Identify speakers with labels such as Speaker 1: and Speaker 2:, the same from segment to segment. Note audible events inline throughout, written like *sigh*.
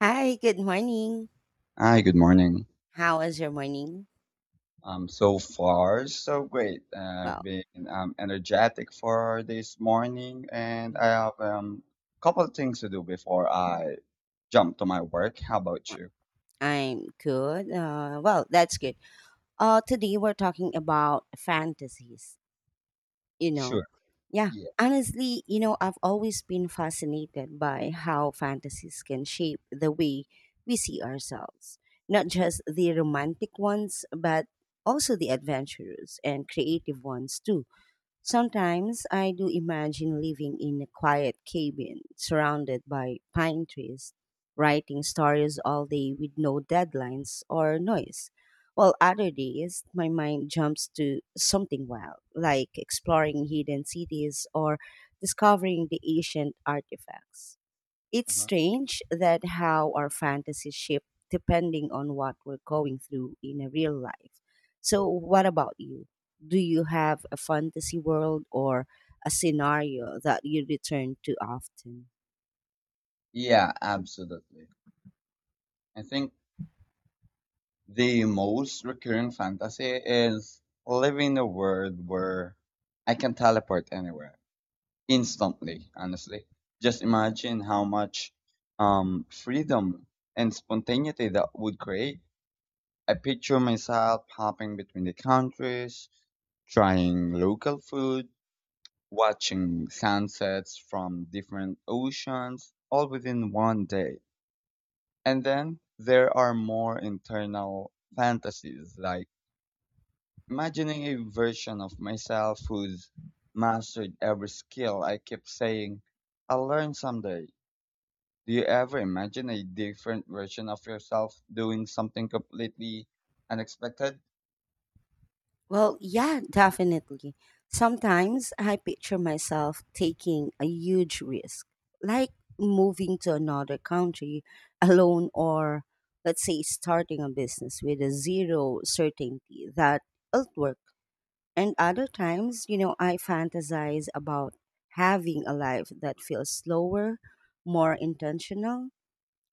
Speaker 1: Hi, good morning.
Speaker 2: Hi, good morning.
Speaker 1: How was your morning?
Speaker 2: So far, so great. I've
Speaker 1: Well,
Speaker 2: been energetic for this morning, and I
Speaker 1: mm,
Speaker 2: have a couple of things to do before I jump to my work. How about you?
Speaker 1: I'm good. That's good. Today we're talking about fantasies. You know,
Speaker 2: Sure.
Speaker 1: yeah.
Speaker 2: Yeah.
Speaker 1: Honestly, you know, I've always been fascinated by how fantasies can shape the way we see ourselves. Not just the romantic ones, but also the adventurous and creative ones too. Sometimes I do imagine living in a quiet cabin surrounded by pine trees, writing stories all day with no deadlines or noise. While other days, my mind jumps to something wild, like exploring hidden cities or discovering the ancient artifacts. It's
Speaker 2: Uh-huh.
Speaker 1: strange that how our fantasies shift depending on what we're going through in a real life. So, what about you? Do you have a fantasy world or a scenario that you return to often?
Speaker 2: Yeah, absolutely. I think the most recurring fantasy is living in a world where I can teleport anywhere, instantly, honestly. Just imagine how much freedom and spontaneity that would create. I picture myself hopping between the countries, trying local food, watching sunsets from different oceans, all within one day. And then there are more internal fantasies, like imagining a version of myself who's mastered every skill I keep saying I'll learn someday. Do you ever imagine a different version of yourself doing something completely unexpected?
Speaker 1: Well, yeah, definitely. Sometimes I picture myself taking a huge risk, like moving to another country *laughs* alone or let's say starting a business with a zero certainty that it'll work. And other times, you know, I fantasize about having a life that feels slower, more intentional,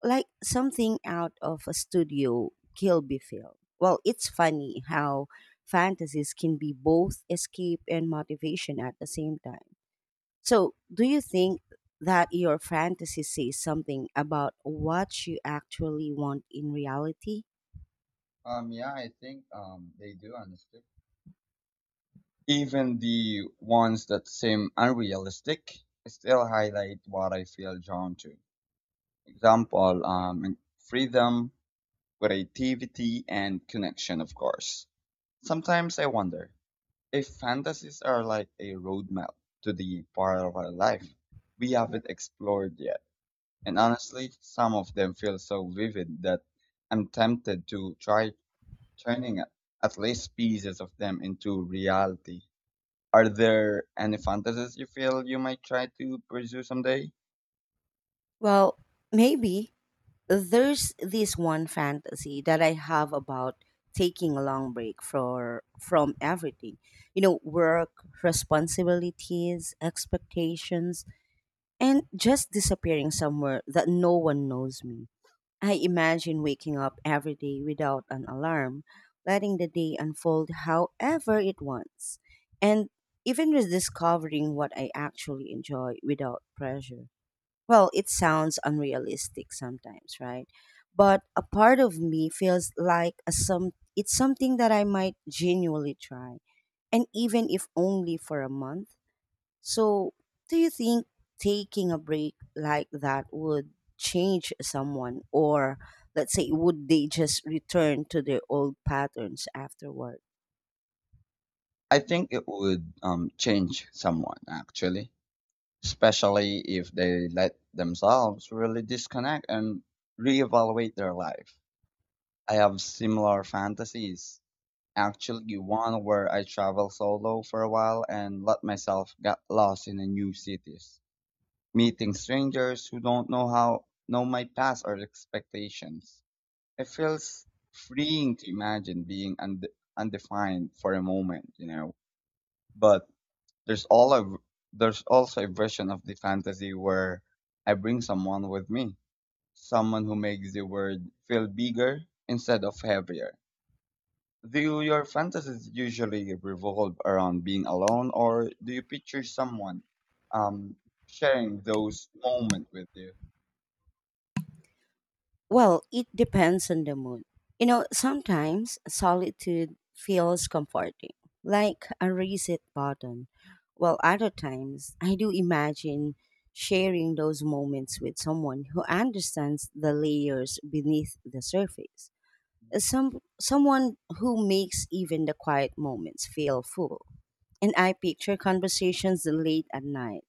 Speaker 1: like something out of a studio Kilby film. Well, it's funny how fantasies can be both escape and motivation at the same time. So, do you think that your fantasy says something about what you actually want in reality?
Speaker 2: Yeah, I think they do honestly. Even the ones that seem unrealistic still highlight what I feel drawn to. Example, freedom, creativity, and connection, of course. Sometimes I wonder if fantasies are like a roadmap to the parallel life we haven't explored yet. And honestly, some of them feel so vivid that I'm tempted to try turning at least pieces of them into reality. Are there any fantasies you feel you might try to pursue someday?
Speaker 1: Well, maybe there's this one fantasy that I have about taking a long break for from everything. You know, work, responsibilities, expectations, and just disappearing somewhere that no one knows me. I imagine waking up every day without an alarm, letting the day unfold however it wants, and even rediscovering what I actually enjoy without pressure. Well, it sounds unrealistic sometimes, right? But a part of me feels like a some it's something that I might genuinely try, and even if only for a month. So, do you think taking a break like that would change someone, or let's say, would they just return to their old patterns afterward?
Speaker 2: I think it would change someone, actually, especially if they let themselves really disconnect and reevaluate their life. I have similar fantasies. Actually, one where I traveled solo for a while and let myself get lost in the new cities, meeting strangers who don't know how know my past or expectations. It feels freeing to imagine being undefined for a moment, you know. But there's all a v- there's also a version of the fantasy where I bring someone with me, someone who makes the world feel bigger instead of heavier. Do your fantasies usually revolve around being alone, or do you picture someone um, sharing those moments with you?
Speaker 1: Well, it depends on the mood. You know, sometimes solitude feels comforting, like a reset button, while other times I do imagine sharing those moments with someone who understands the layers beneath the surface. Someone who makes even the quiet moments feel full. And I picture conversations late at night,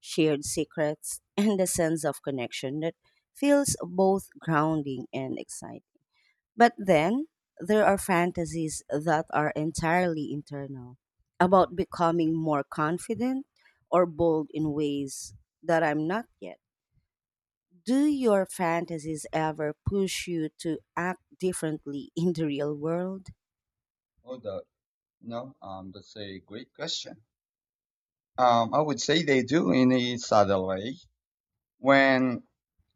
Speaker 1: shared secrets, *laughs* and the sense of connection that feels both grounding and exciting. But then there are fantasies that are entirely internal about becoming more confident or bold in ways that I'm not yet. Do your fantasies ever push you to act differently in the real world?
Speaker 2: Oh, the, no, That's a great question. I would say they do in a subtle way. When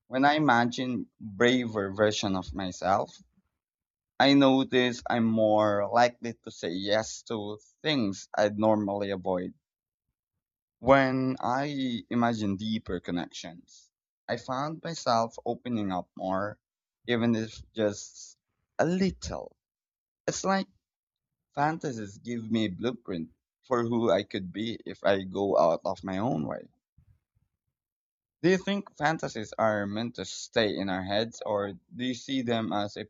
Speaker 2: when I imagine braver version of myself, I notice I'm more likely to say yes to things I'd normally avoid. When I imagine deeper connections, I found myself opening up more, even if just a little. It's like fantasies give me a blueprint for who I could be if I go out of my own way. Do you think fantasies are meant to stay in our heads, or do you see them as a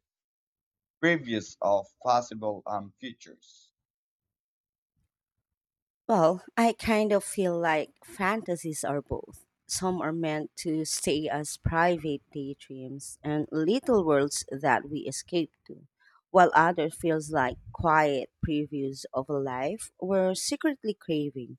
Speaker 2: previews of possible futures?
Speaker 1: Well, I kind of feel like fantasies are both. Some are meant to stay as private daydreams and little worlds that we escape to, while others feels like quiet previews of a life we're secretly craving.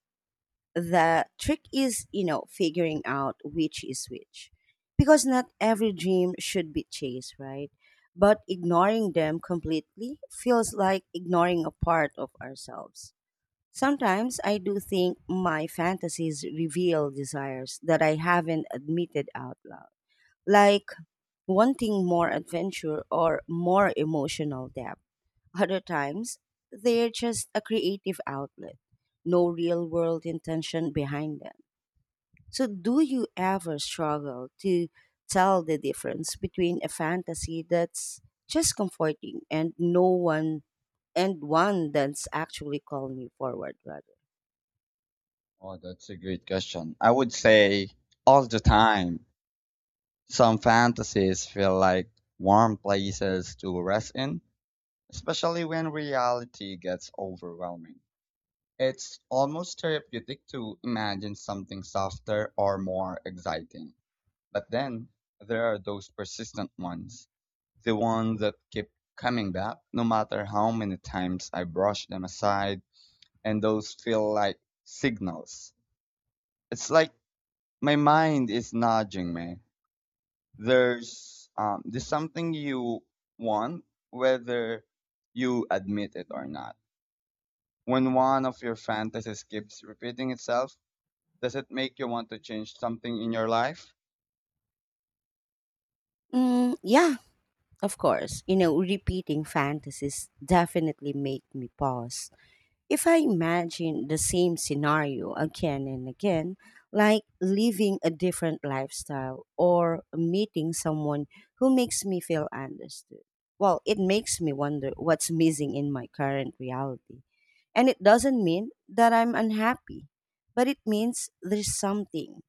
Speaker 1: The trick is, you know, figuring out which is which. Because not every dream should be chased, right? But ignoring them completely feels like ignoring a part of ourselves. Sometimes I do think my fantasies reveal desires that I haven't admitted out loud, like wanting more adventure or more emotional depth. Other times, they're just a creative outlet, no real world intention behind them. So, do you ever struggle to tell the difference between a fantasy that's just comforting and no one and one that's actually calling you forward, right?
Speaker 2: Oh, that's a great question. I would say all the time. Some fantasies feel like warm places to rest in, especially when reality gets overwhelming. It's almost therapeutic to imagine something softer or more exciting. But then there are those persistent ones, the ones that keep coming back no matter how many times I brush them aside, and those feel like signals. It's like my mind is nudging me, there's something you want, whether you admit it or not. When one of your fantasies keeps repeating itself, does it make you want to change something in your life?
Speaker 1: Mm, yeah, of course. You know, repeating fantasies definitely make me pause. If I imagine the same scenario again and again, like living a different lifestyle or meeting someone who makes me feel understood, well, it makes me wonder what's missing in my current reality. And it doesn't mean that I'm unhappy, but it means there's something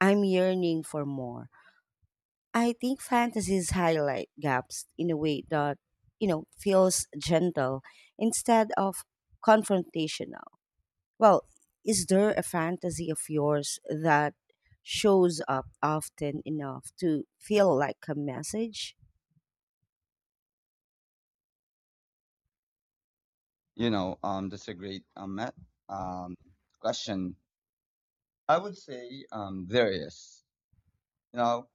Speaker 1: I'm yearning for more. I think fantasies highlight gaps in a way that, you know, feels gentle instead of confrontational. Well, is there a fantasy of yours that shows up often enough to feel like a message?
Speaker 2: You know, that's a great um question. I would say there is, you know.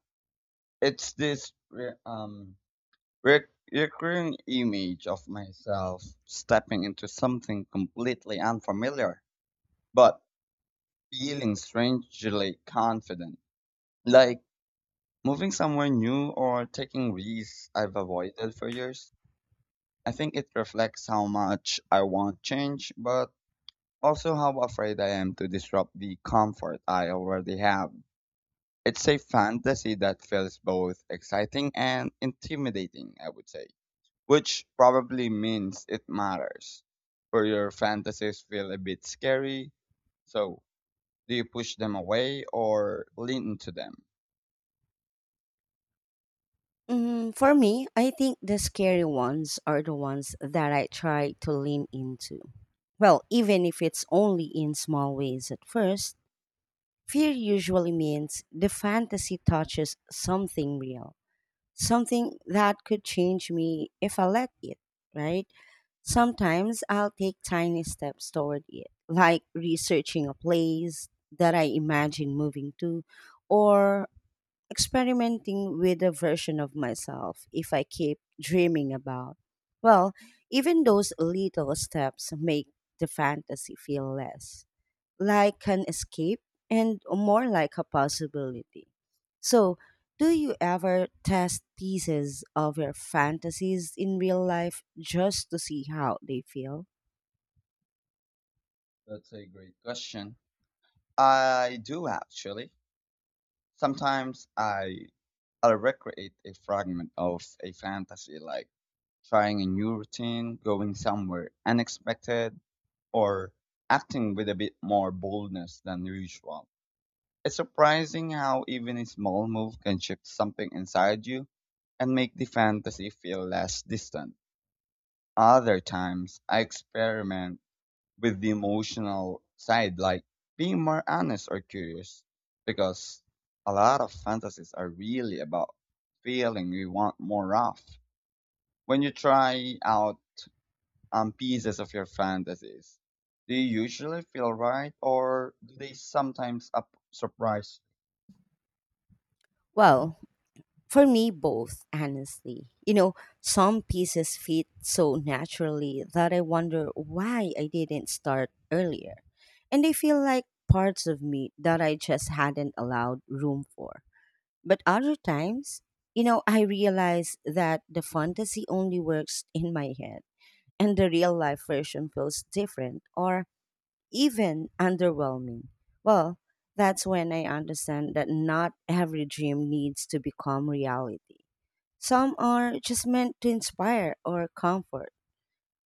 Speaker 2: It's this re- recurring image of myself stepping into something completely unfamiliar but feeling strangely confident, like moving somewhere new or taking risks I've avoided for years. I think it reflects how much I want change, but also how afraid I am to disrupt the comfort I already have. It's a fantasy that feels both exciting and intimidating, I would say, which probably means it matters. For your fantasies feel a bit scary, so do you push them away or lean into them?
Speaker 1: Mm, for me, I think the scary ones are the ones that I try to lean into. Well, even if it's only in small ways at first, fear usually means the fantasy touches something real, something that could change me if I let it, right? Sometimes I'll take tiny steps toward it, like researching a place that I imagine moving to or experimenting with a version of myself if I keep dreaming about. Well, even those little steps make the fantasy feel less like an escape and more like a possibility. So, do you ever test pieces of your fantasies in real life just to see how they feel?
Speaker 2: That's a great question. I do actually. Sometimes I'll recreate a fragment of a fantasy, like trying a new routine, going somewhere unexpected, or acting with a bit more boldness than usual. It's surprising how even a small move can shift something inside you and make the fantasy feel less distant. Other times, I experiment with the emotional side, like being more honest or curious, because a lot of fantasies are really about feeling we want more of. When you try out pieces of your fantasies, do you usually feel right, or do they sometimes up surprise?
Speaker 1: Well, for me, both, honestly. You know, some pieces fit so naturally that I wonder why I didn't start earlier. And they feel like parts of me that I just hadn't allowed room for. But other times, you know, I realize that the fantasy only works *laughs* in my head and the real life version feels different or even underwhelming. Well, that's when I understand that not every dream needs to become reality. Some are just meant to inspire or comfort.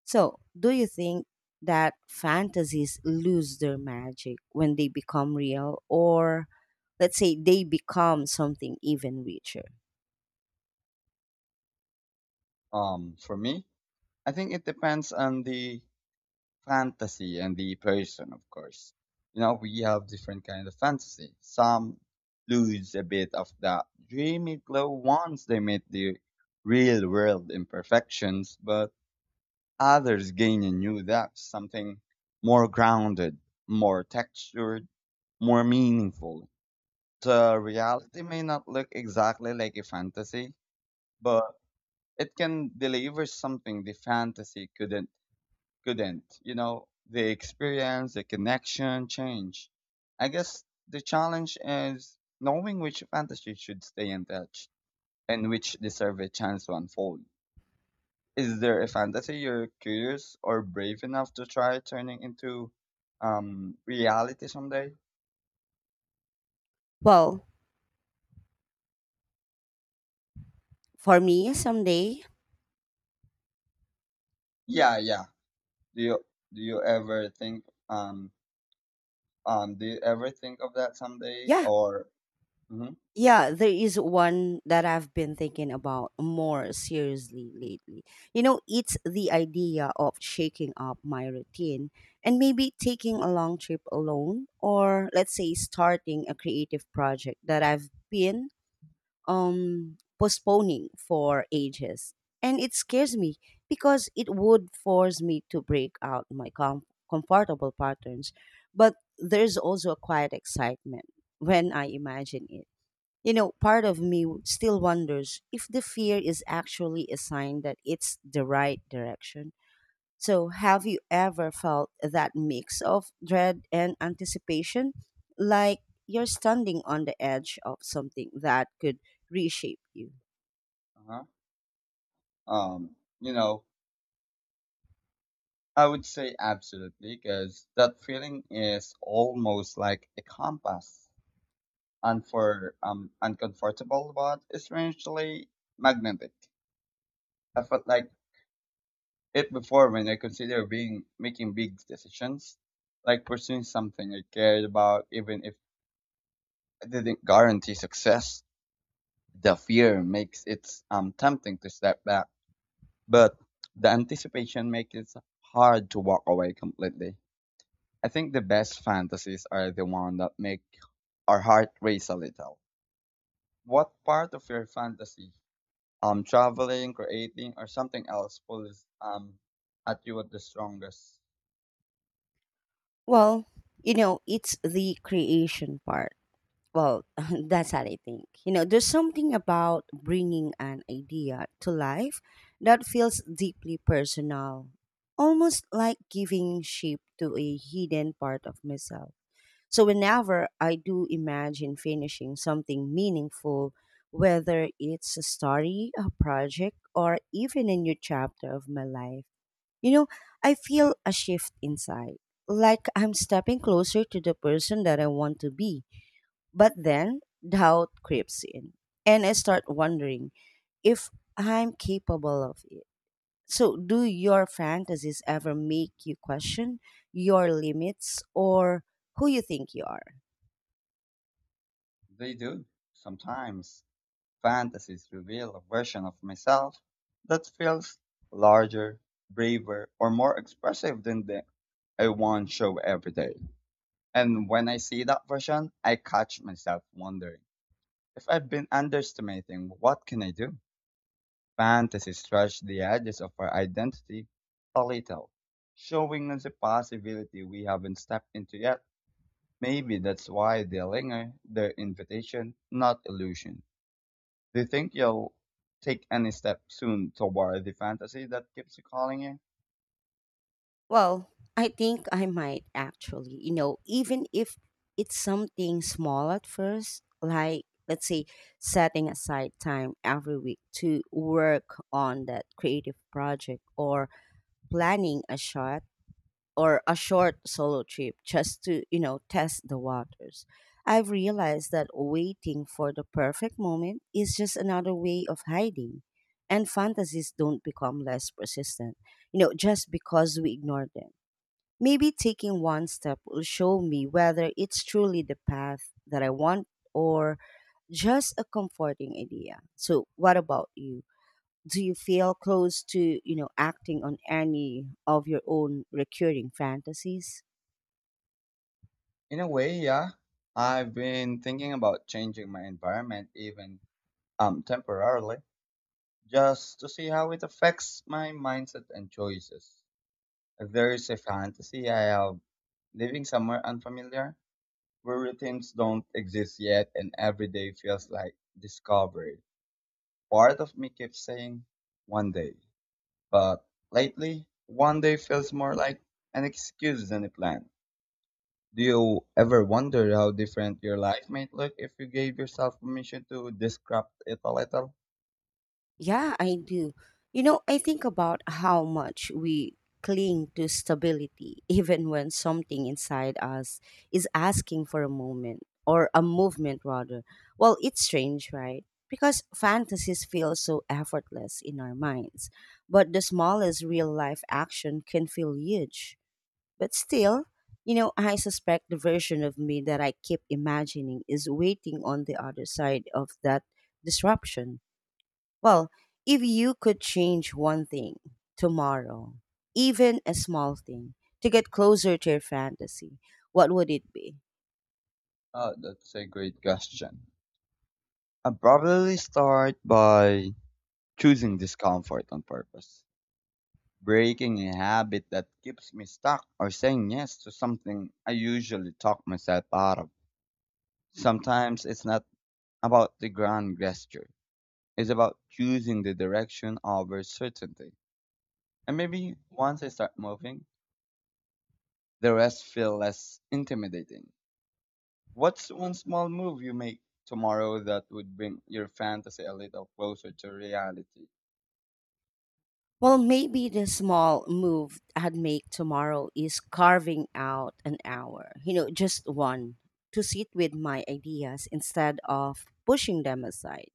Speaker 1: So, do you think that fantasies lose their magic when they become real or let's say they become something even richer?
Speaker 2: For me, I think it depends on the fantasy and the person, of course. You know, we have different kind of fantasy. Some lose a bit of that dreamy glow once they meet the real world imperfections, but others gain a new depth, something more grounded, more textured, more meaningful. The reality may not look exactly like a fantasy, but it can deliver something the fantasy couldn't. You know, the experience, the connection, change. I guess the challenge is knowing which fantasies should stay untouched and which deserve a chance to unfold. Is there a fantasy you're curious or brave enough to try turning into reality someday?
Speaker 1: Well, for me, someday,
Speaker 2: Yeah, yeah. Do you do you ever think um, do you ever think of that someday
Speaker 1: yeah,
Speaker 2: or mm-hmm,
Speaker 1: yeah, there is one that I've been thinking about more seriously lately. You know, it's the idea of shaking up my routine and maybe taking a long trip alone, or let's say starting a creative project that I've been postponing for ages. And it scares me because it would force me to break out my comfortable patterns. But there's also a quiet excitement when I imagine it. You know, part of me still wonders if the fear is actually a sign that it's the right direction. So, have you ever felt that mix of dread and anticipation? Like you're standing on the edge of something that could reshape you?
Speaker 2: uh-huh, you know, I would say absolutely, because that feeling is almost like a compass, and for uncomfortable but strangely magnetic. I felt like it before when I consider being making big decisions, like pursuing something I cared about, even if it didn't guarantee success. The fear makes it tempting to step back, but the anticipation makes it hard to walk away completely. I think the best fantasies are the one that make our heart race a little. What part of your fantasy, traveling, creating, or something else pulls at you at the strongest?
Speaker 1: Well, you know, it's the creation part. Well, *laughs* that's how I think. You know, there's something about bringing an idea to life that feels deeply personal, almost like giving shape to a hidden part of myself. So whenever I do imagine finishing something meaningful, whether it's a story, a project, or even a new chapter of my life, you know, I feel a shift inside. Like I'm stepping closer to the person that I want to be. But then doubt creeps in, and I start wondering if I'm capable of it. So, do your fantasies ever make you question your limits or who you think you are?
Speaker 2: They do. Sometimes fantasies reveal a version of myself that feels larger, braver, or more expressive than the I want show every day. And when I see that version, I catch myself wondering if I've been underestimating what can I do? Fantasy stretched the edges of our identity a little, showing us a possibility we haven't stepped into yet. Maybe that's why they linger, their invitation, not illusion. Do you think you'll take any step soon toward the fantasy that keeps calling you?
Speaker 1: Well, I think I might actually, you know, even if it's something small at first, like let's say setting aside time every week to work on that creative project or planning a shot or a short solo trip just to, you know, test the waters. I've realized that waiting for the perfect moment is just another way of hiding, and fantasies don't become less persistent, you know, just because we ignore them. Maybe taking one step will show me whether it's truly the path that I want or just a comforting idea. So what about you? Do you feel close to, you know, acting on any of your own recurring fantasies?
Speaker 2: In a way, yeah. I've been thinking about changing my environment, even temporarily, just to see how it affects my mindset and choices. There's a fantasy I have living somewhere unfamiliar where routines don't exist yet and every day feels like discovery. Part of me keeps saying one day, but lately one day feels more like an excuse than a plan. Do you ever wonder how different your life might look if you gave yourself permission to disrupt it a little?
Speaker 1: Yeah, I do. You know, I think about how much we cling to stability, *laughs* even when something inside us is asking for a moment or a movement, rather. Well, it's strange, right? Because fantasies feel so effortless in our minds, but the smallest real life action can feel huge. But still, you know, I suspect the version of me that I keep imagining is waiting on the other side of that disruption. Well, if you could change one thing tomorrow, even a small thing, to get closer to your fantasy, what would it be?
Speaker 2: That's a great question. I'd probably start by choosing discomfort on purpose. Breaking a habit that keeps me stuck or saying yes to something I usually talk myself out of. Sometimes it's not about the grand gesture, it's about choosing the direction over certainty. And maybe once I start moving, the rest feel less intimidating. What's one small move you make tomorrow that would bring your fantasy a little closer to reality?
Speaker 1: Well, maybe the small move I'd make tomorrow is carving out an hour, you know, just one, to sit with my ideas instead of pushing them aside.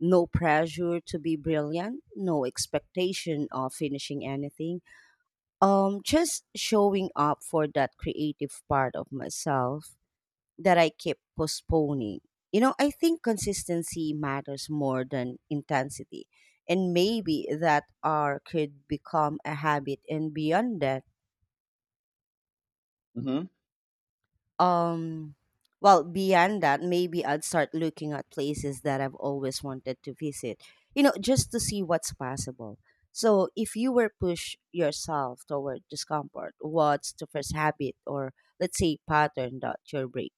Speaker 1: No pressure to be brilliant, no expectation of finishing anything, just showing up for that creative part of myself that I keep postponing. You know, I think consistency matters more than intensity. And maybe that R could become a habit and beyond that,
Speaker 2: Hmm.
Speaker 1: um well, beyond that, maybe I'd start looking at places that I've always wanted to visit. You know, just to see what's possible. So, if you were push yourself toward discomfort, what's the first habit or let's say pattern that you're breaking?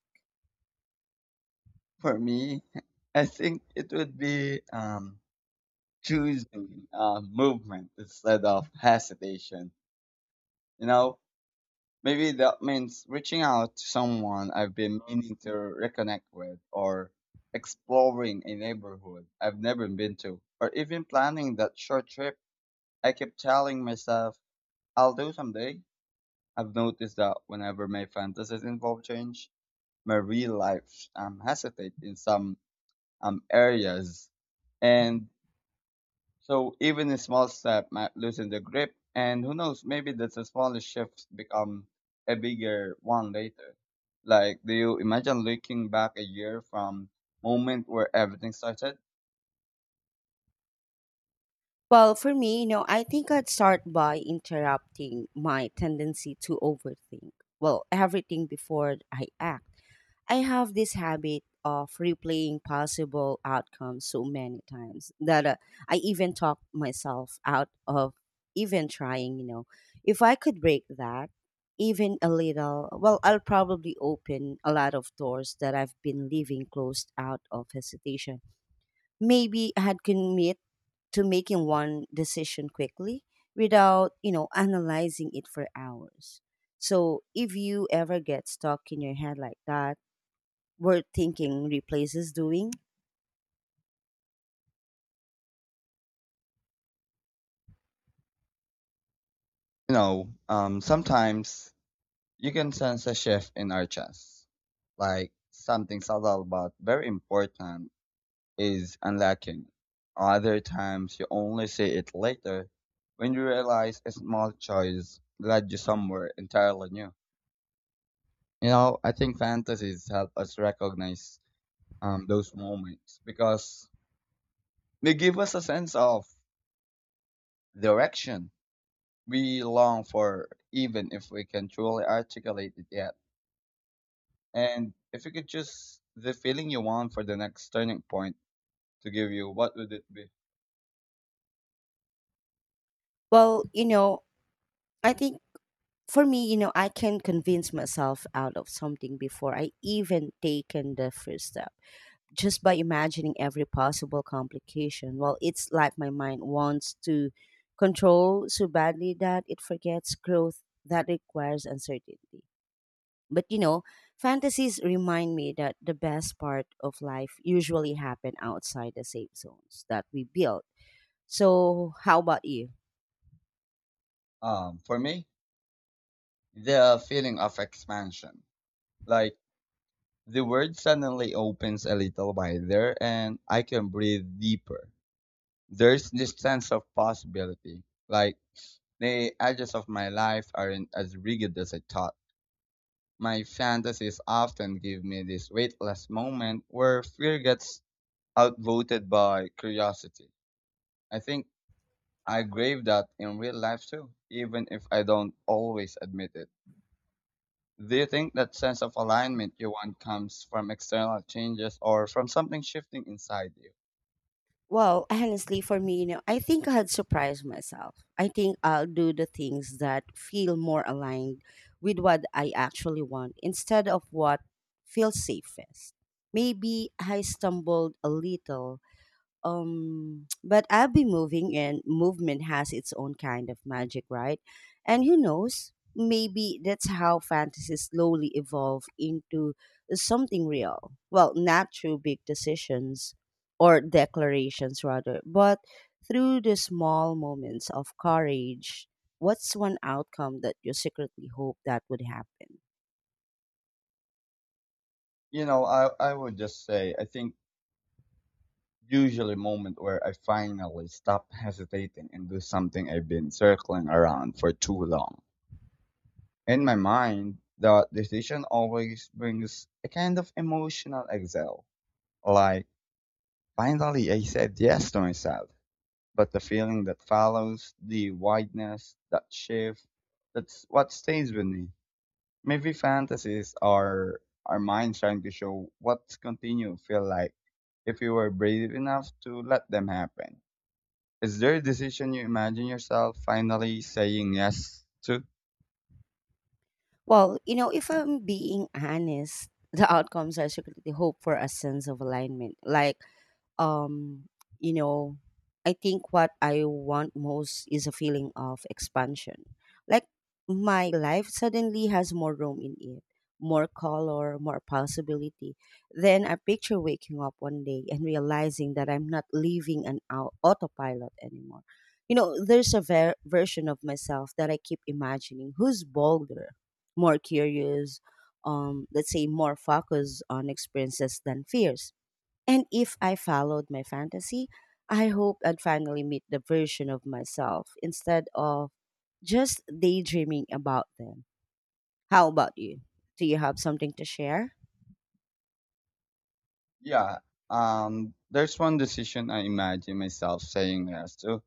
Speaker 2: For me, *laughs* I think it would be choosing movement instead of hesitation. You know, maybe that means reaching out to someone I've been meaning to reconnect with, or exploring a neighborhood I've never been to, or even planning that short trip I keep telling myself I'll do someday. I've noticed that whenever my fantasies involve change, my real life hesitate in some areas. And so even a small step might loosen the grip, and who knows, maybe the smallest shift become a bigger one later. Like, do you imagine looking back a year from moment where everything started?
Speaker 1: Well, for me, you know, I think I'd start by interrupting my tendency to overthink. Well, everything before I act. I have this habit of replaying possible outcomes so many times that I even talk myself out of even trying, you know. If I could break that, even a little, well, I'll probably open a lot of doors that I've been leaving closed out of hesitation. Maybe I had commit to making one decision quickly without, you know, analyzing it for hours. So if you ever get stuck in your head like that, where thinking replaces doing,
Speaker 2: You know, sometimes you can sense a shift in our chest, like something subtle but very important is unlocking. Other times you only see it later when you realize a small choice led you somewhere entirely new. You know, I think fantasies help us recognize those moments because they give us a sense of direction we long for, even if we can truly articulate it yet. And if you could choose the feeling you want for the next turning point to give you, what would it be?
Speaker 1: well, you know, I think for me, you know, I can convince myself out of something before I even taken the first step, just by imagining every possible complication. Well, it's like my mind wants to control so badly that it forgets growth that requires uncertainty. But you know, fantasies remind me that the best part of life usually happen outside the safe zones that we build. So, how about you?
Speaker 2: For me, the feeling of expansion. Like the world suddenly opens a little wider and I can breathe deeper. There's this sense of possibility. Like, the edges of my life aren't as rigid as I thought. My fantasies often give me this weightless moment where fear gets outvoted by curiosity. I think I crave that in real life too, even if I don't always admit it. Do you think that sense of alignment you want comes from external changes or from something shifting inside you?
Speaker 1: Well, honestly, for me, you know, I think I had surprised myself. I think I'll do the things that feel more aligned with what I actually want instead of what feels safest. Maybe I stumbled a little, but I'll be moving, and movement has its own kind of magic, right? And who knows, maybe that's how fantasies slowly evolve into something real. Well, not through big decisions or declarations rather, but through the small moments of courage. What's one outcome that you secretly hope that would happen?
Speaker 2: You know, I would just say I think usually moment where I finally stop hesitating and do something I've been circling around for too long. In my mind, the decision always brings a kind of emotional exhale. Like, finally I said yes to myself. But the feeling that follows, the wideness, that shift, that's what stays with me. Maybe fantasies are our minds trying to show what's continue feel like if we were brave enough to let them happen. Is there a decision you imagine yourself finally saying yes to?
Speaker 1: Well, you know, if I'm being honest, the outcomes I secretly hope for a sense of alignment, like, um you know, I think what I want most is a feeling of expansion. Like, my life suddenly has more room in it, more color, more possibility. Then I picture waking up one day and realizing that I'm not living an autopilot anymore. You know, there's a version of myself that I keep imagining, who's bolder, more curious, let's say more focused on experiences than fears. And if I followed my fantasy, I hope I'd finally meet the version of myself instead of just daydreaming about them. How about you? Do you have something to share?
Speaker 2: Yeah, there's one decision I imagine myself saying yes to,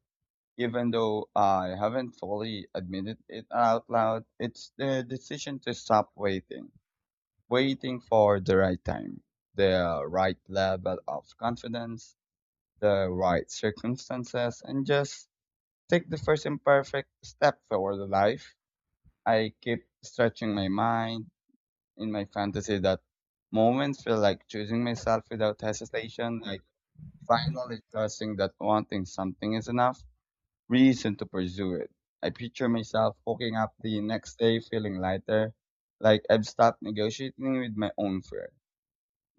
Speaker 2: even though I haven't fully admitted it out loud. It's the decision to stop waiting, waiting for the right time, the right level of confidence, the right circumstances, and just take the first imperfect step toward the life. I keep stretching my mind in my fantasy that moments feel like choosing myself without hesitation, like finally trusting that wanting something is enough reason to pursue it. I picture myself waking up the next day feeling lighter, like I've stopped negotiating with my own fear.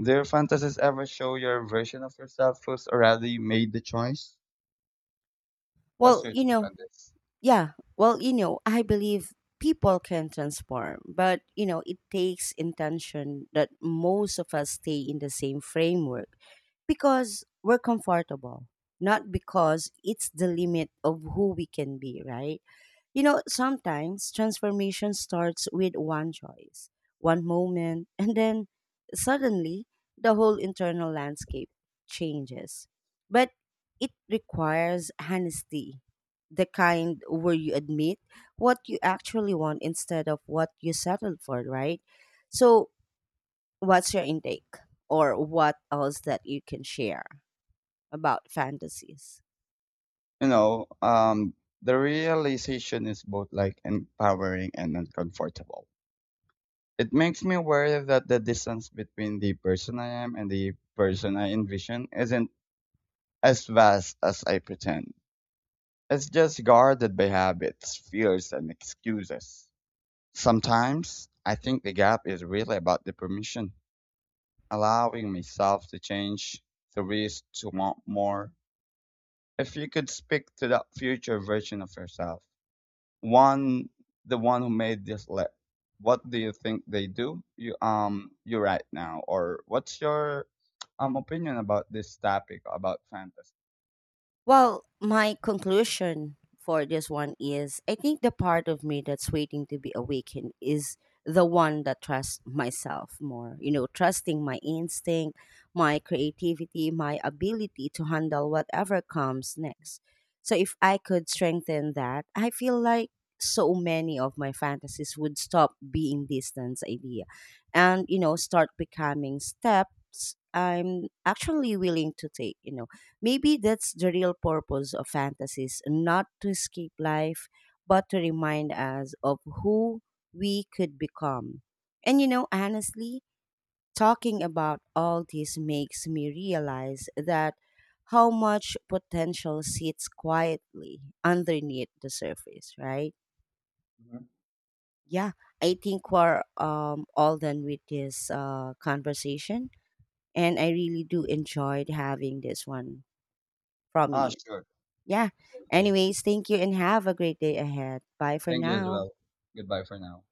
Speaker 2: Do your fantasies ever show your version of yourself who's already made the choice? What's
Speaker 1: Well,
Speaker 2: your
Speaker 1: you
Speaker 2: take
Speaker 1: know,
Speaker 2: on this?
Speaker 1: yeah. Well, you know, I believe people can transform, but you know, it takes intention that most of us stay in the same framework, because we're comfortable, not because it's the limit of who we can be, right? You know, sometimes transformation starts with one choice, one moment, *laughs* and then suddenly the whole internal landscape changes. But it requires honesty, the kind where you admit what you actually want instead of what you settled for, right? So, what's your intake or what else that you can share about fantasies?
Speaker 2: You know, the realization is both like empowering and uncomfortable. It makes me aware that the distance between the person I am and the person I envision isn't as vast as I pretend. It's just guarded by habits, fears, and excuses. Sometimes I think the gap is really about the permission, allowing myself to change, to risk, to want more. If you could speak to that future version of yourself, one, the one who made this list, what do you think they do you you right now, or what's your opinion about this topic about fantasy?
Speaker 1: Well, my conclusion for this one is I think the part of me that's waiting to be awakened is the one that trusts myself more. You know, trusting my instinct, my creativity, my ability to handle whatever comes next. So if I could strengthen that, I feel like so many of my fantasies would stop being distance idea, and you know, start becoming steps I'm actually willing to take, you know. Maybe that's the real purpose of fantasies, not to escape life, but to remind us of who we could become. And you know, honestly, talking about all this makes me realize that how much potential sits quietly underneath the surface, right?
Speaker 2: Mhm.
Speaker 1: Yeah, I think we're all done with this conversation, and I really do enjoyed having this one from
Speaker 2: Ah,
Speaker 1: you.
Speaker 2: sure.
Speaker 1: Yeah.
Speaker 2: Okay.
Speaker 1: Anyways, thank you and have a great day ahead. Bye for
Speaker 2: Thank you as
Speaker 1: now.
Speaker 2: well. Goodbye for now.